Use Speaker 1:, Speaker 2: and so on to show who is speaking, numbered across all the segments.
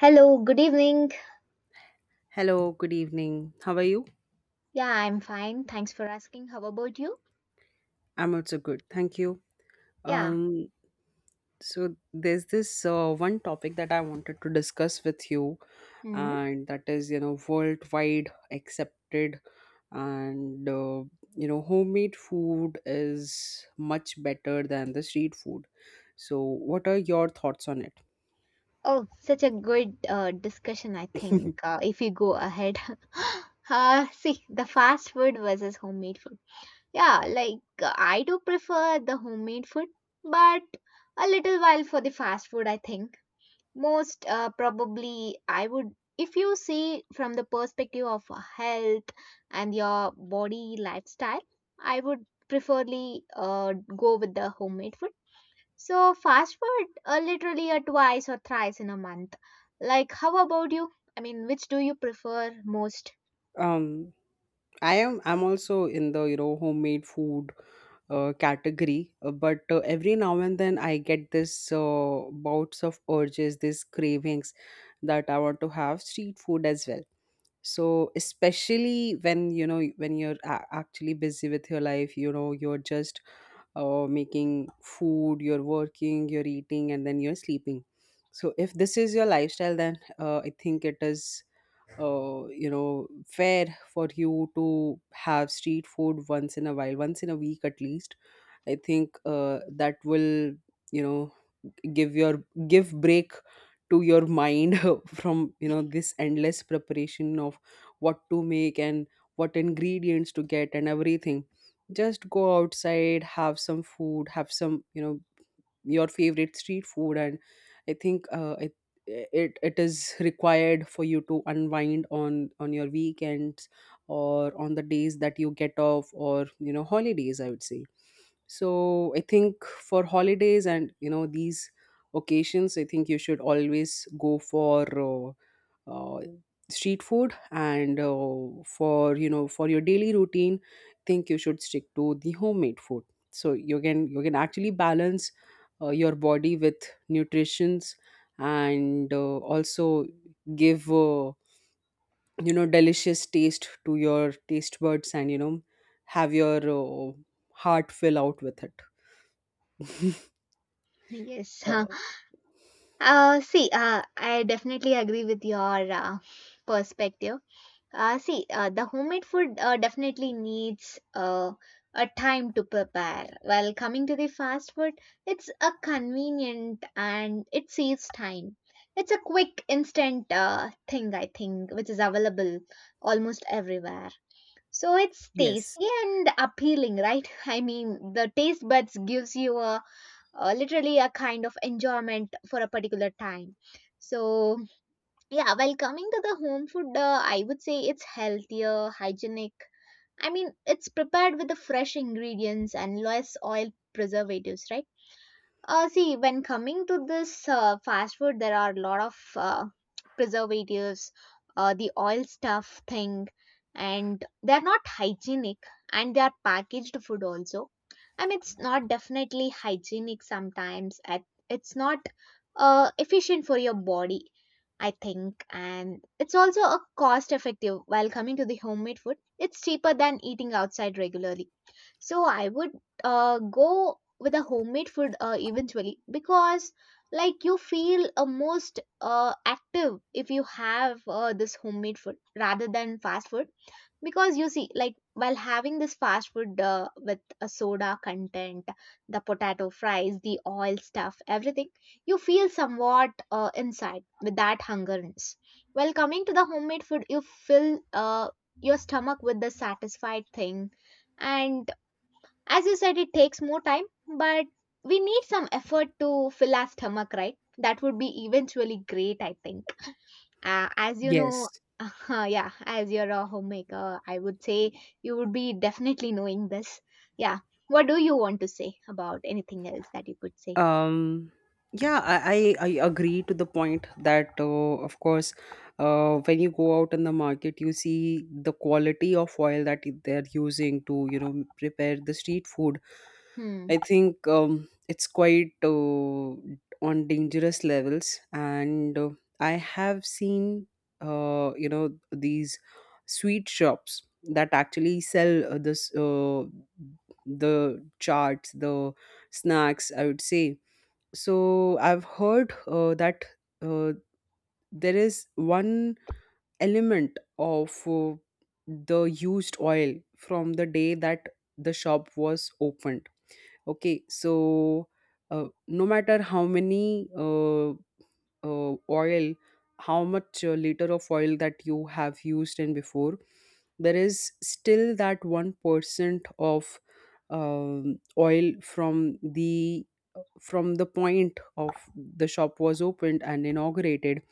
Speaker 1: Hello, good evening.
Speaker 2: Hello, good evening. How are you?
Speaker 1: Yeah, I'm fine. Thanks for asking. How about you?
Speaker 2: I'm also good. Thank you.
Speaker 1: Yeah.
Speaker 2: Um, so there's this one topic that I wanted to discuss with you,
Speaker 1: Hmm.
Speaker 2: and that is, you know, worldwide accepted, and you know, homemade food is much better than the street food. So, what are your thoughts on it?
Speaker 1: Oh, such a good discussion, I think, if you go ahead. See, the fast food versus homemade food. Yeah, like I do prefer the homemade food, but a little while for the fast food, I think. Most probably, I would, if you see from the perspective of health and your body lifestyle, I would preferably go with the homemade food. So, fast food literally twice or thrice in a month. Like, how about you? I mean, which do you prefer most?
Speaker 2: um, I am. I'm also in the you know homemade food category but every now and then I get this bouts of urges, these cravings that I want to have street food as well. So especially when you know when you're actually busy with your life, you know you're just making food, you're working, you're eating, and then you're sleeping. So if this is your lifestyle then I think it is you know fair for you to have street food once in a while, once in a week at least. I think that will, you know, give your give break to your mind from you know this endless preparation of what to make and what ingredients to get and everything. Just go outside, have some food, have some, you know, your favorite street food, and I think it is required for you to unwind on your weekends or on the days that you get off, or you know, holidays, I would say. So I think for holidays and you know these occasions, I think you should always go for uh, uh, street food, and for you know for your daily routine I think you should stick to the homemade food, so you can actually balance your body with nutritions, and also give you know delicious taste to your taste buds and you know have your uh, heart fill out with it.
Speaker 1: Yes.
Speaker 2: uh,
Speaker 1: See, I definitely agree with your perspective. See, the homemade food definitely needs a time to prepare. While coming to the fast food, it's a convenient and it saves time. It's a quick, instant thing, I think, which is available almost everywhere. So it's
Speaker 2: yes
Speaker 1: tasty and appealing, right? I mean, the taste buds gives you a, literally a kind of enjoyment for a particular time. So yeah, well, coming to the home food, I would say it's healthier, hygienic. I mean, it's prepared with the fresh ingredients and less oil preservatives, right? See, when coming to this fast food, there are a lot of preservatives, the oil stuff thing, and they're not hygienic and they are packaged food also. I mean, it's not definitely hygienic sometimes. At It's not efficient for your body, I think. And it's also a cost effective while coming to the homemade food. It's cheaper than eating outside regularly. So I would go with a homemade food eventually because like you feel most active if you have this homemade food rather than fast food, because you see like while having this fast food with a soda content, the potato fries, the oil stuff, everything, you feel somewhat inside with that hungerness, while coming to the homemade food you fill your stomach with the satisfied thing. And as you said, it takes more time, but we need some effort to fill our stomach, right? That would be eventually great, I think. As you know,
Speaker 2: yes
Speaker 1: yeah, as you're a homemaker, I would say you would be definitely knowing this. Yeah. What do you want to say about anything else that you could say?
Speaker 2: um I agree to the point that of course when you go out in the market, you see the quality of oil that they're using to you know prepare the street food.
Speaker 1: Hmm.
Speaker 2: I think it's quite on dangerous levels, and I have seen you know these sweet shops that actually sell this the charts, the snacks, I would say. So I've heard that uh, there is one element of the used oil from the day that the shop was opened. Okay, so no matter how many oil, how much liter of oil that you have used in before, there is still that 1% of oil from the point of the shop was opened and inaugurated.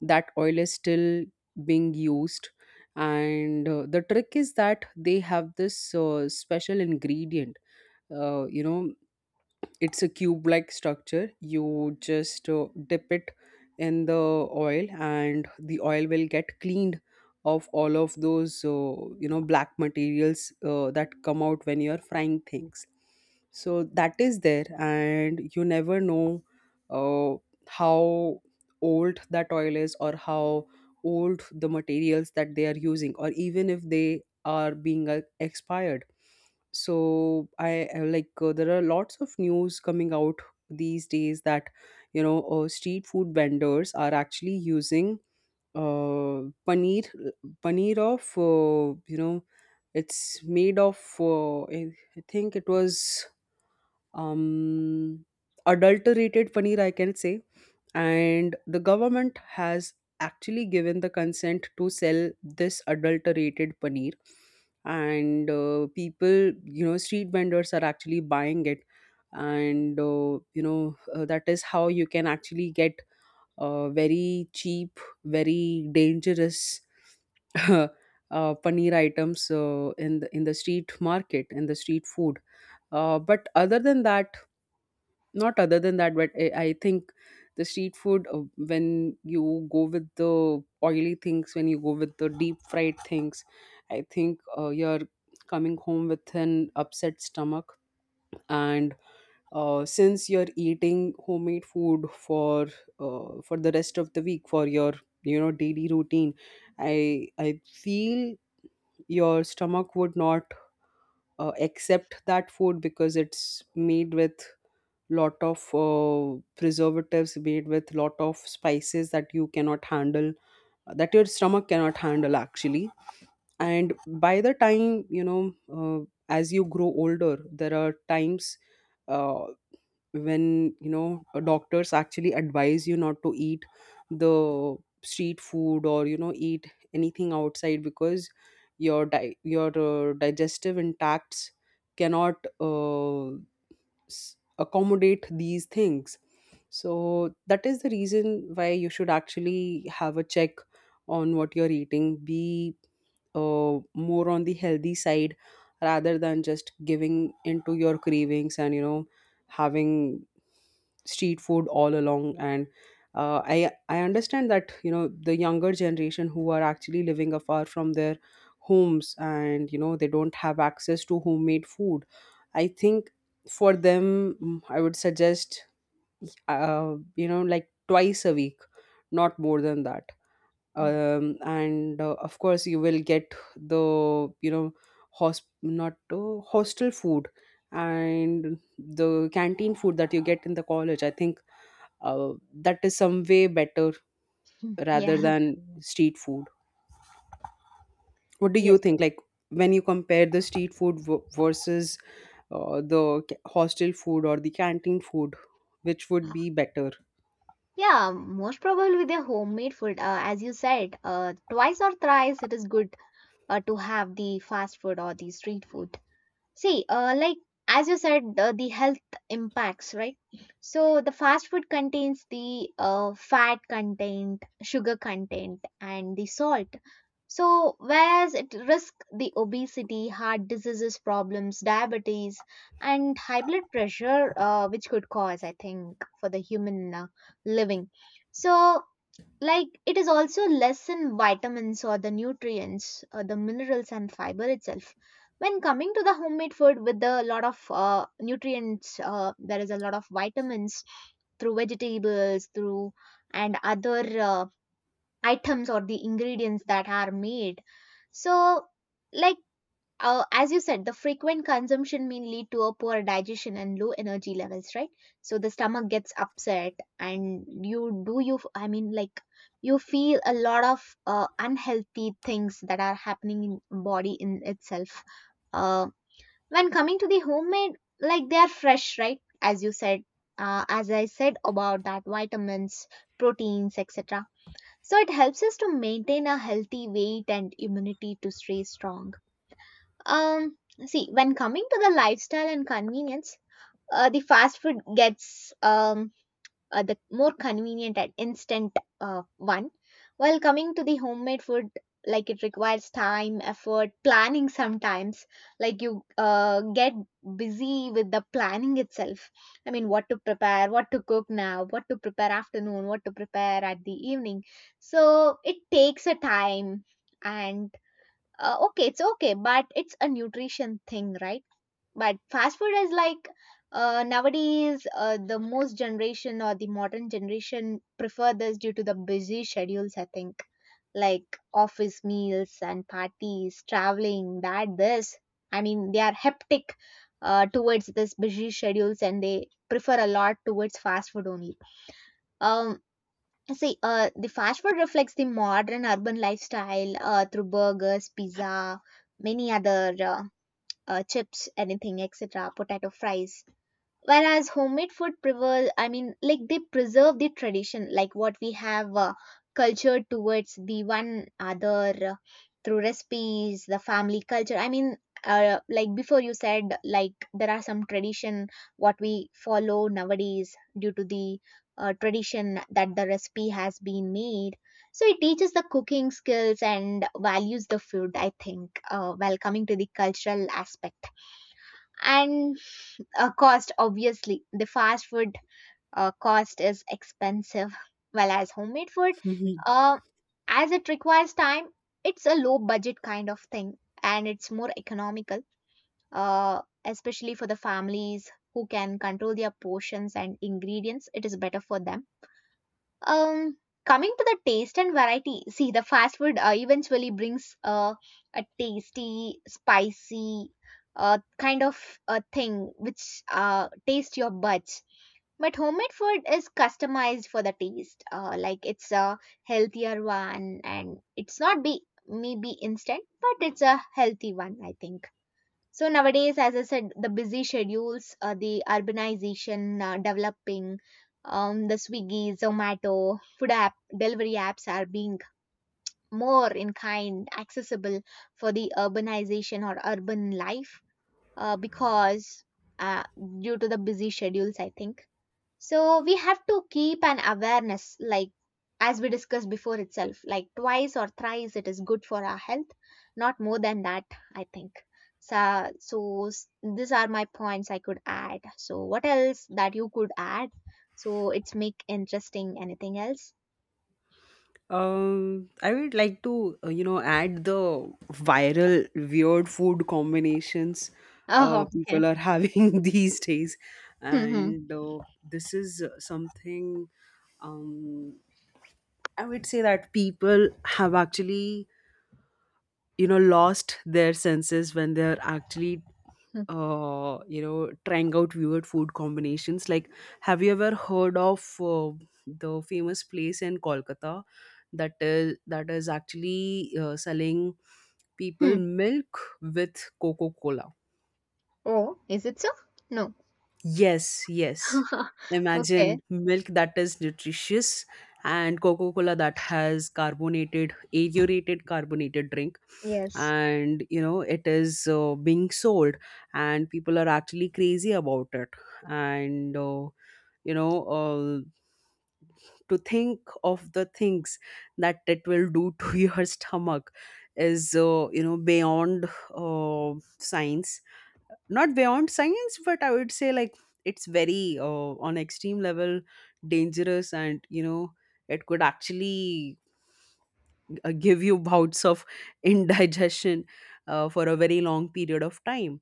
Speaker 2: That oil is still being used, and the trick is that they have this special ingredient, you know, it's a cube like structure. You just dip it in the oil, and the oil will get cleaned of all of those you know black materials that come out when you're frying things. So that is there, and you never know uh, how old that oil is, or how old the materials that they are using, or even if they are being expired. So I like there are lots of news coming out these days that you know street food vendors are actually using paneer, paneer of you know, it's made of I think it was um, adulterated paneer, I can say. And the government has actually given the consent to sell this adulterated paneer. And people, you know, street vendors are actually buying it. And, you know, that is how you can actually get very cheap, very dangerous uh, paneer items in the street market, in the street food. But other than that, not other than that, but I think the street food when you go with the oily things, when you go with the deep fried things, I think you're coming home with an upset stomach, and since you're eating homemade food for the rest of the week for your, you know, daily routine, I feel your stomach would not accept that food because it's made with lot of preservatives, made with lot of spices that you cannot handle, that your stomach cannot handle actually. And by the time, you know, as you grow older there are times uh, when you know doctors actually advise you not to eat the street food or you know eat anything outside because your your digestive intacts cannot accommodate these things. So that is the reason why you should actually have a check on what you're eating, be more on the healthy side rather than just giving into your cravings and you know having street food all along. And I understand that you know the younger generation who are actually living afar from their homes and you know they don't have access to homemade food. I think for them I would suggest you know like twice a week, not more than that. And of course you will get the, you know, not hostel food and the canteen food that you get in the college. I think that is some way better rather
Speaker 1: Yeah.
Speaker 2: than street food. What do you
Speaker 1: Yes. Yes.
Speaker 2: think, like, when you compare the street food versus the hostel food or the canteen food, which would
Speaker 1: Uh,
Speaker 2: be better?
Speaker 1: Yeah, most probably with the homemade food, as you said, twice or thrice it is good to have the fast food or the street food. See, like as you said, the health impacts, right? So the fast food contains the fat content, sugar content, and the salt. So whereas it risk the obesity, heart diseases problems, diabetes, and high blood pressure, which could cause, I think, for the human living. So, like it is also less in vitamins or the nutrients or the minerals and fiber itself when coming to the homemade food with a lot of nutrients. There is a lot of vitamins through vegetables through and other items or the ingredients that are made. So like, as you said, the frequent consumption may lead to a poor digestion and low energy levels, right? So the stomach gets upset, and you do you, I mean, like you feel a lot of unhealthy things that are happening in body in itself. Uh, when coming to the homemade, like they are fresh, right? As you said, as I said about that, vitamins, proteins, etc. So it helps us to maintain a healthy weight and immunity to stay strong um, See, when coming to the lifestyle and convenience, the fast food gets the more convenient and instant one. While coming to the homemade food, like it requires time, effort, planning sometimes. Like you get busy with the planning itself. I mean, what to prepare, what to cook now, what to prepare afternoon, what to prepare at the evening. So it takes a time. And okay, it's okay, but it's a nutrition thing, right? But fast food is like nowadays the most generation or the modern generation prefer this due to the busy schedules, I think. Like office meals and parties traveling that this, I mean, they are hectic towards this busy schedules, and they prefer a lot towards fast food only um See, the fast food reflects the modern urban lifestyle through burgers, pizza, many other chips, anything, etc., potato fries, whereas homemade food preserve, I mean, like they preserve the tradition like what we have cultured towards the one other through recipes, the family culture, I mean, like before you said, like there are some tradition what we follow nowadays due to the tradition that the recipe has been made. So it teaches the cooking skills and values the food, I think, while coming to the cultural aspect. And cost, obviously the fast food cost is expensive well as homemade food, uh, as it requires time, it's a low budget kind of thing, and it's more economical, especially for the families who can control their portions and ingredients, it is better for them. um, Coming to the taste and variety, see the fast food eventually brings a tasty, spicy kind of a thing which taste your buds. But homemade food is customized for the taste. Like it's a healthier one, and it's not be maybe instant, but it's a healthy one. I think. So nowadays, as I said, the busy schedules, the urbanization developing, the Swiggy, Zomato, food app, delivery apps are being more in kind, accessible for the urbanization or urban life, because uh, due to the busy schedules, I think. So we have to keep an awareness, like as we discussed before itself, like twice or thrice it is good for our health, not more than that, I think. These are my points I could add. So what else that you could add? So it's make interesting. Anything else?
Speaker 2: I would like to, you know, add the viral weird food combinations
Speaker 1: Oh, okay.
Speaker 2: people are having these days,
Speaker 1: Hmm.
Speaker 2: and this is something, um, I would say that people have actually, you know, lost their senses when they're actually
Speaker 1: Hmm.
Speaker 2: you know trying out weird food combinations. Like, have you ever heard of the famous place in Kolkata that is actually selling people
Speaker 1: Hmm.
Speaker 2: milk with Coca Cola?
Speaker 1: Oh, is it so? No.
Speaker 2: Yes, yes.
Speaker 1: Okay.
Speaker 2: Imagine milk that is nutritious and Coca Cola that has carbonated, aerated carbonated drink.
Speaker 1: Yes.
Speaker 2: And, you know, it is being sold and people are actually crazy about it. And, you know, to think of the things that it will do to your stomach is you know beyond uh, science, not beyond science, but I would say like it's very on extreme level dangerous, and you know it could actually give you bouts of indigestion for a very long period of time.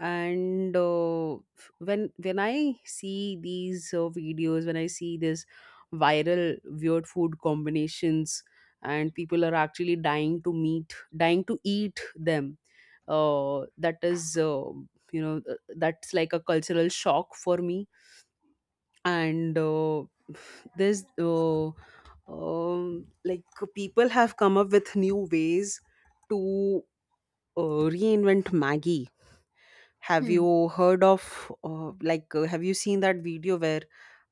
Speaker 2: And when I see these videos, when I see this viral weird food combinations and people are actually dying to meet, dying to eat them, that is you know that's like a cultural shock for me. And uh, there's uh, um, like people have come up with new ways to reinvent Maggie. Have
Speaker 1: Hmm.
Speaker 2: you heard of, have you seen that video where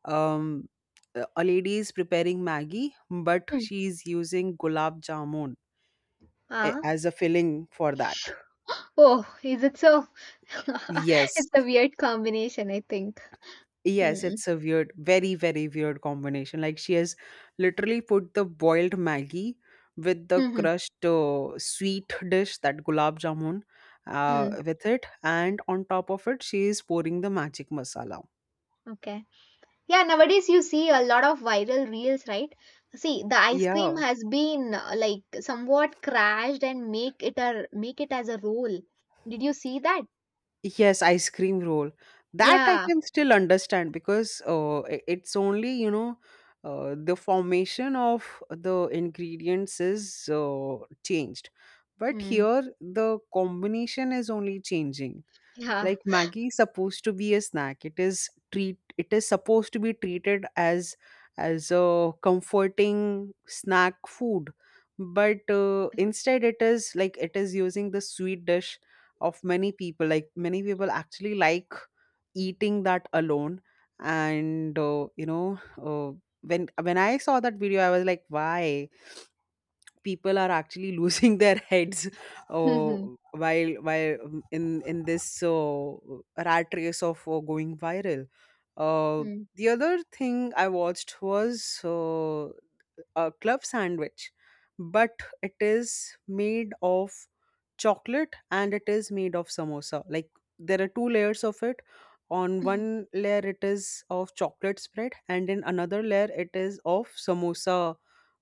Speaker 2: um, a lady is preparing Maggie, but
Speaker 1: Hmm.
Speaker 2: she is using gulab jamun
Speaker 1: Ah.
Speaker 2: as a filling for that?
Speaker 1: Oh, is it so? It's
Speaker 2: Yes.
Speaker 1: a weird combination, I think.
Speaker 2: Yes,
Speaker 1: Mm.
Speaker 2: it's a weird, very, very weird combination. Like, she has literally put the boiled Maggie with the
Speaker 1: Mhm.
Speaker 2: crushed sweet dish, that gulab jamun,
Speaker 1: Mm.
Speaker 2: with it. And on top of it, she is pouring the magic masala.
Speaker 1: Okay. Yeah, nowadays you see a lot of viral reels, right? See, the ice cream
Speaker 2: Yeah.
Speaker 1: has been like somewhat crashed and make it as a roll. Did you see that?
Speaker 2: Yes, ice cream roll. That I
Speaker 1: Yeah.
Speaker 2: can still understand because it's only, you know, the formation of the ingredients is changed. But
Speaker 1: Mm.
Speaker 2: here, the combination is only changing.
Speaker 1: Yeah.
Speaker 2: Like Maggie is supposed to be a snack, it is treat, it is supposed to be treated as a comforting snack food, but instead it is like it is using the sweet dish of many people. Like many people actually like eating that alone. And you know uh, when I saw that video, I was like, why people are actually losing their heads uh, while in this rat race of going viral. uh,
Speaker 1: Mm-hmm. Mm.
Speaker 2: the other thing I watched was uh, a club sandwich, but it is made of chocolate and it is made of samosa. Like there are two layers of it. On
Speaker 1: Mhm.
Speaker 2: one layer it is of chocolate spread, and in another layer it is of samosa,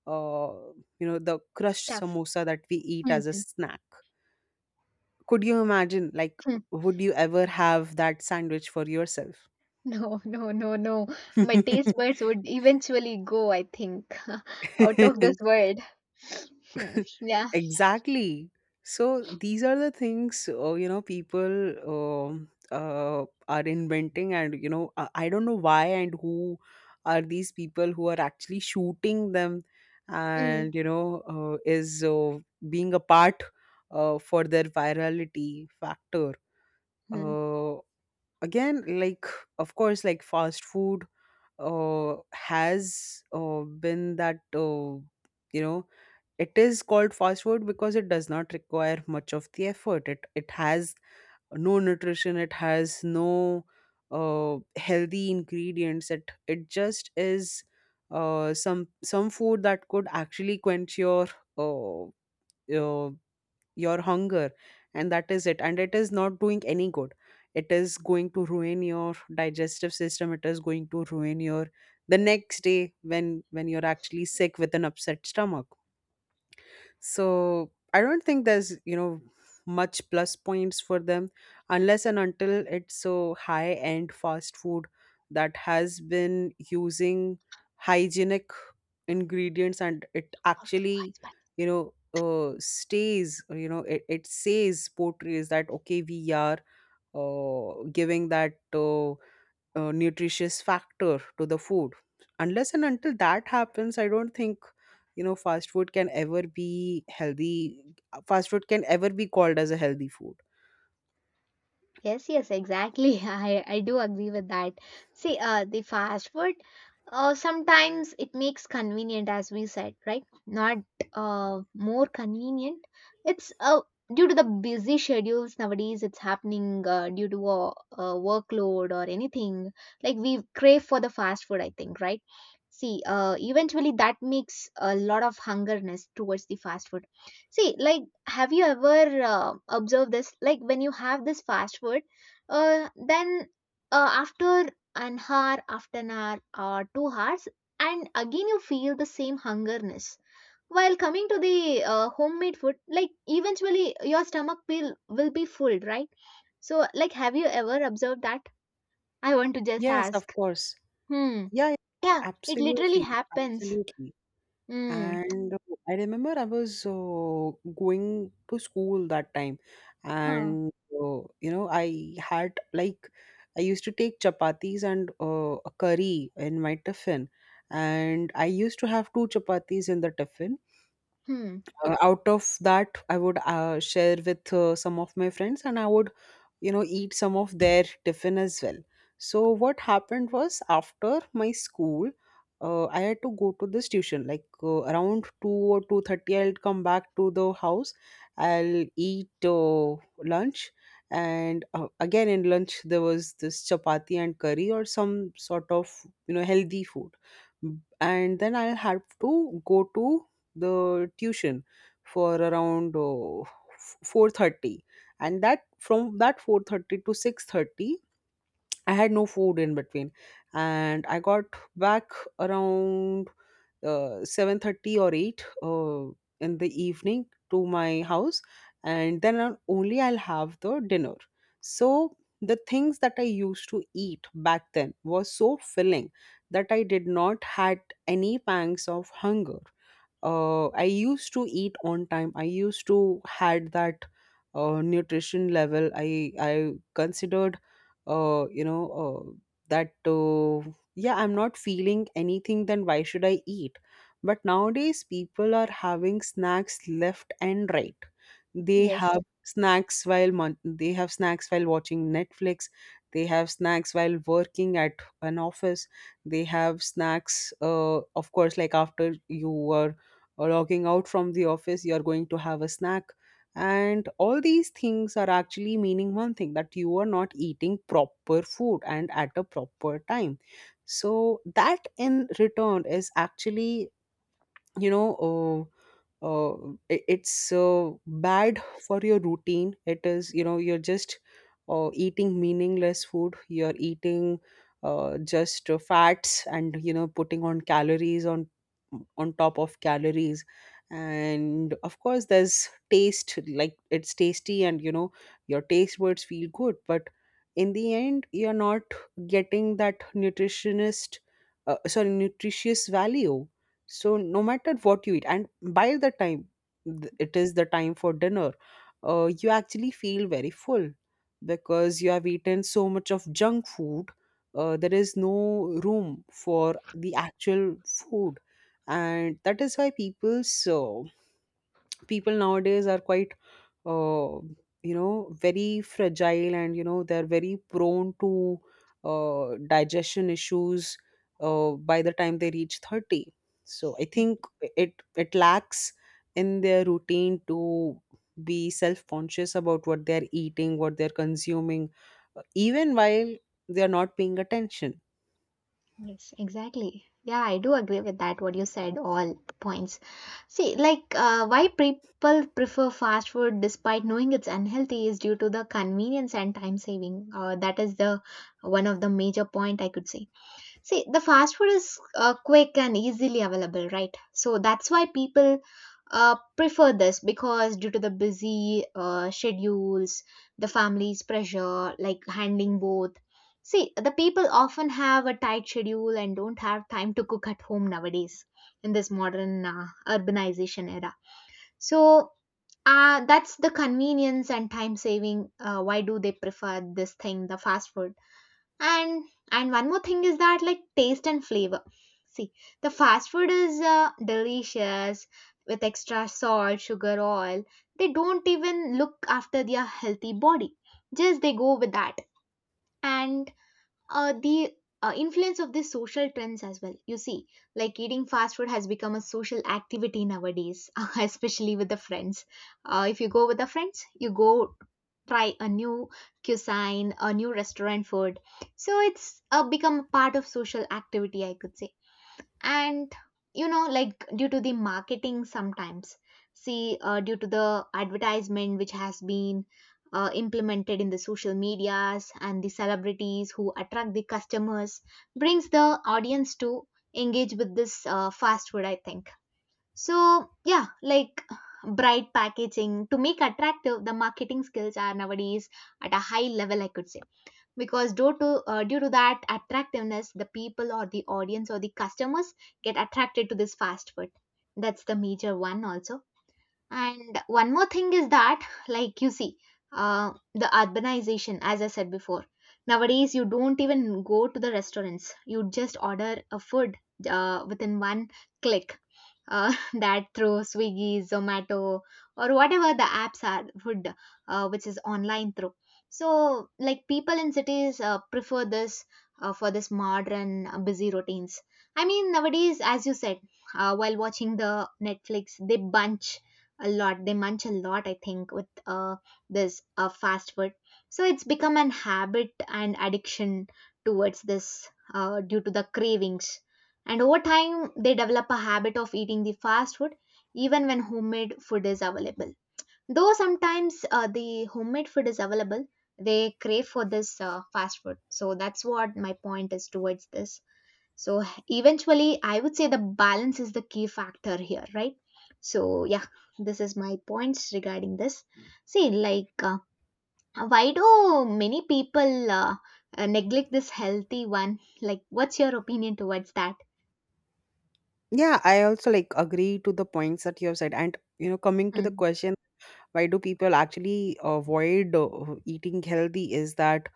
Speaker 2: uh, you know the crushed
Speaker 1: Stuff.
Speaker 2: samosa that we eat as a
Speaker 1: Mm-hmm.
Speaker 2: snack. Could you imagine like would you ever have that sandwich for yourself?
Speaker 1: No, no, no, no. My taste buds would eventually go, I think, out of this world. Hmm, Yeah.
Speaker 2: Exactly. So these are the things, you know, people are inventing, and you know I don't know why and who are these people who are actually shooting them,
Speaker 1: Mm-hmm.
Speaker 2: and you know is being a part for their virality factor. Uh, Again, like of course, like fast food has been that you know it is called fast food because it does not require much of the effort. It has no nutrition. It has no healthy ingredients. It just is some food that could actually quench uh, uh, your hunger, and that is it. And it is not doing any good. It is going to ruin your digestive system. It is going to ruin your the next day when you're actually sick with an upset stomach. So I don't think there's much plus points for them, unless and until it's so high end fast food that has been using hygienic ingredients, and it
Speaker 1: Of the
Speaker 2: actually
Speaker 1: wise.
Speaker 2: stays, or, it says, portrays that, okay, we are giving that nutritious factor to the food. Unless and until that happens, I don't think fast food can ever be healthy, fast food can ever be called as a healthy food.
Speaker 1: Yes, yes, exactly. I do agree with that. See, the fast food, sometimes it makes convenient, as we said, right? Not more convenient. It's due to the busy schedules nowadays, it's happening due to a workload or anything. Like we crave for the fast food, I think, right? See, eventually that makes a lot of hungerness towards the fast food. See, like have you ever observed this, like when you have this fast food, then after an hour or 2 hours and again you feel the same hungerness, while coming to the homemade food, like, eventually your stomach will be full, right? So like have you ever observed that? I want to just
Speaker 2: Yes, of
Speaker 1: ask.
Speaker 2: course.
Speaker 1: Hmm.
Speaker 2: Yeah, yeah,
Speaker 1: Yeah, it literally
Speaker 2: absolutely.
Speaker 1: happens.
Speaker 2: Absolutely.
Speaker 1: Hmm.
Speaker 2: And I remember I was going to school that time,
Speaker 1: Huh.
Speaker 2: and I had like I used to take chapatis and a curry in my tiffin, and I used to have two chapatis in the tiffin.
Speaker 1: Hmm.
Speaker 2: Out of that, I would share with some of my friends, and I would eat some of their tiffin as well. So what happened was, after my school, I had to go to this tuition like around 2 or 2:30. I'll come back to the house, I'll eat lunch. And again in lunch there was this chapati and curry or some sort of healthy food. And then I'll have to go to the tuition for around 4:30. And that From that 4:30 to 6:30, I had no food in between. And I got back around 7:30 or 8 in the evening to my house. And then I'll have the dinner. So the things that I used to eat back then was so filling that I did not had any pangs of hunger. I used to eat on time. I used to had that nutrition level. I considered, uh, you know, uh, that, yeah, I'm not feeling anything. Then why should I eat? But nowadays, people are having snacks left and right. They
Speaker 1: Yes.
Speaker 2: have snacks while watching Netflix. They have snacks while working at an office. They have snacks, of course, like after you are or logging out from the office, you're going to have a snack. And all these things are actually meaning one thing, that you are not eating proper food and at a proper time. So that in return is actually you know I- it's bad for your routine. It is, you're just eating meaningless food, you're eating just fats, and, putting on calories on top of calories. And of course there's taste, like it's tasty and, your taste buds feel good, but in the end you're not getting that nutritionist, sorry, nutritious value. So no matter what you eat, and by the time it is the time for dinner, you actually feel very full, because you have eaten so much of junk food. There is no room for the actual food. And that is why people nowadays are quite uh, very fragile, and, they're very prone to digestion issues by the time they reach 30. So I think it lacks in their routine to be self conscious about what they're eating, what they're consuming, even while they're not paying attention.
Speaker 1: Yes, exactly. Yeah, I do agree with that, what you said, all the points. See, like, why people prefer fast food despite knowing it's unhealthy is due to the convenience and time saving. That is the one of the major point I could say. See, the fast food is quick and easily available, right? So that's why people prefer this, because due to the busy schedules, the family's pressure, like handling both. See, the people often have a tight schedule and don't have time to cook at home nowadays in this modern urbanization era. So that's the convenience and time saving. Why do they prefer this thing, the fast food? and and one more thing is that, like taste and flavor. See, the fast food is delicious with extra salt, sugar, oil. They don't even look after their healthy body, just they go with that. And the influence of these social trends as well. You see, like eating fast food has become a social activity nowadays, especially with the friends. If you go with the friends, you go try a new cuisine, a new restaurant food. So it's become part of social activity, I could say. And you know, like due to the marketing sometimes, see, due to the advertisement which has been implemented in the social medias, and the celebrities who attract the customers brings the audience to engage with this fast food, I think. So yeah, like bright packaging to make attractive, the marketing skills are nowadays at a high level, I could say, because due to that attractiveness, the people or the audience or the customers get attracted to this fast food. That's the major one also. And one more thing is that, like you see, the urbanization, as I said before, nowadays you don't even go to the restaurants. You just order a food within one click. That through Swiggy, Zomato, or whatever the apps are, food which is online through. So, like people in cities prefer this for this modern busy routines. I mean, nowadays, as you said, while watching the Netflix, they munch a lot, I think, with uh, this fast food. So it's become an habit and addiction towards this, due to the cravings. And over time they develop a habit of eating the fast food even when homemade food is available. Though sometimes the homemade food is available, they crave for this fast food. So that's what my point is towards this. So eventually, I would say the balance is the key factor here, right? So yeah, this is my points regarding this. See, like why do many people neglect this healthy one? Like, what's your opinion towards that?
Speaker 2: Yeah, I also like agree to the points that you have said, and, coming to the
Speaker 1: Hmm.
Speaker 2: question, why do people actually avoid eating healthy, is that,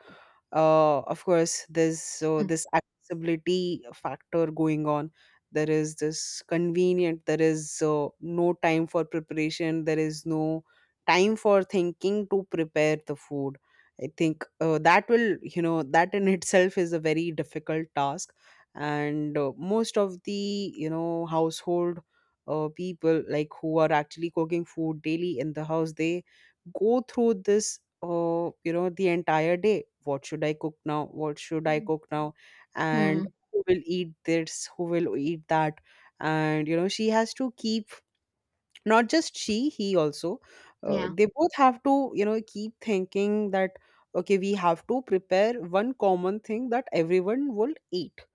Speaker 2: of course, there's
Speaker 1: Hmm.
Speaker 2: this accessibility factor going on. There is this convenient, there is no time for preparation, there is no time for thinking to prepare the food. I think that will that in itself is a very difficult task. And most of the, household people, like who are actually cooking food daily in the house, they go through this, the entire day, what should I cook now, what should I
Speaker 1: Hmm.
Speaker 2: cook now, and
Speaker 1: Hmm.
Speaker 2: who will eat this, who will eat that. And, she has to keep, not just she, he also,
Speaker 1: Yeah.
Speaker 2: they both have to, keep thinking that, okay, we have to prepare one common thing that everyone will eat.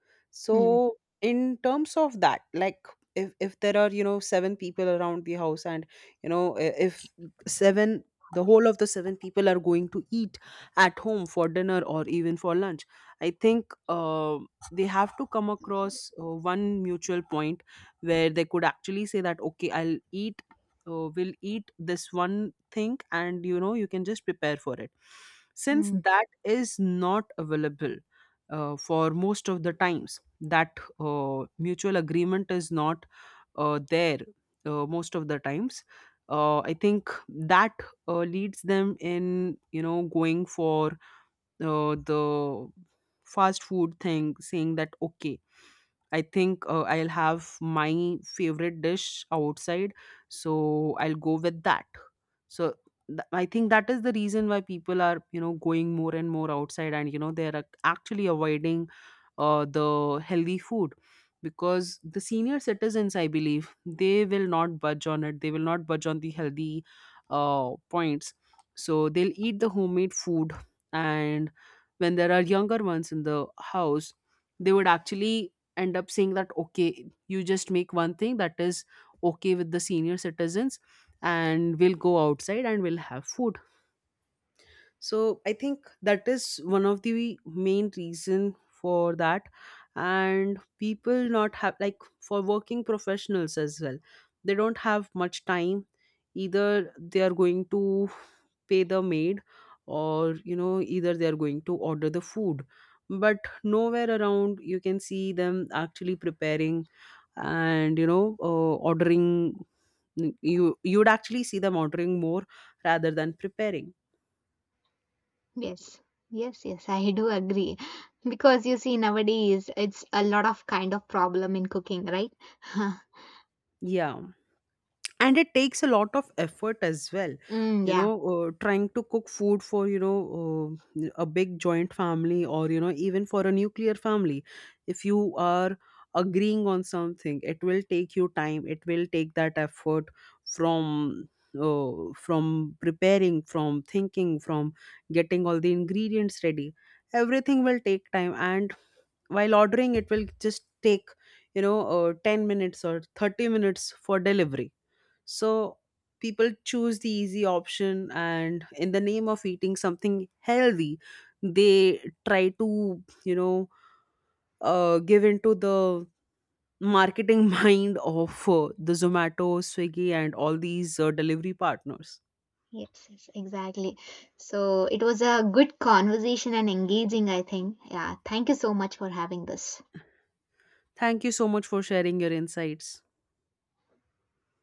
Speaker 1: Hmm.
Speaker 2: So in terms of that, like if there are, seven people around the house, and, if seven the whole of the seven people are going to eat at home for dinner or even for lunch, I think they have to come across one mutual point, where they could actually say that, okay, I'll eat will eat this one thing, and, you can just prepare for it. Since
Speaker 1: Hmm.
Speaker 2: that is not available for most of the times, that mutual agreement is not there, most of the times, I think that leads them in, going for the fast food thing, saying that, okay, I think I'll have my favorite dish outside, so I'll go with that. So, I think that is the reason why people are, going more and more outside, and, they're actually avoiding the healthy food, because the senior citizens, I believe, they will not budge on it, they will not budge on the healthy points. So they'll eat the homemade food. And when there are younger ones in the house, they would actually end up saying that, okay, you just make one thing that is okay with the senior citizens, and we'll go outside and we'll have food. So I think that is one of the main reason for that. And people not have, like for working professionals as well, they don't have much time. Either they are going to pay the maid, or, either they are going to order the food. But nowhere around you can see them actually preparing, and, ordering, you would actually see them ordering more rather than preparing.
Speaker 1: Yes. Yes. Yes, I do agree, because you see nowadays it's a lot of kind of problem in cooking, right?
Speaker 2: Yeah, and it takes a lot of effort as well,
Speaker 1: Mm, yeah.
Speaker 2: trying to cook food for, a big joint family, or, even for a nuclear family. If you are agreeing on something, it will take you time, it will take that effort, from from preparing, from thinking, from getting all the ingredients ready. Everything will take time. And while ordering, it will just take, 10 minutes or 30 minutes for delivery. So people choose the easy option, and in the name of eating something healthy, they try to, give into the marketing mind of the Zomato, Swiggy, and all these delivery partners.
Speaker 1: Yes, yes, exactly. So it was a good conversation and engaging, I think. Yeah, thank you so much for having this.
Speaker 2: Thank you so much for sharing your insights.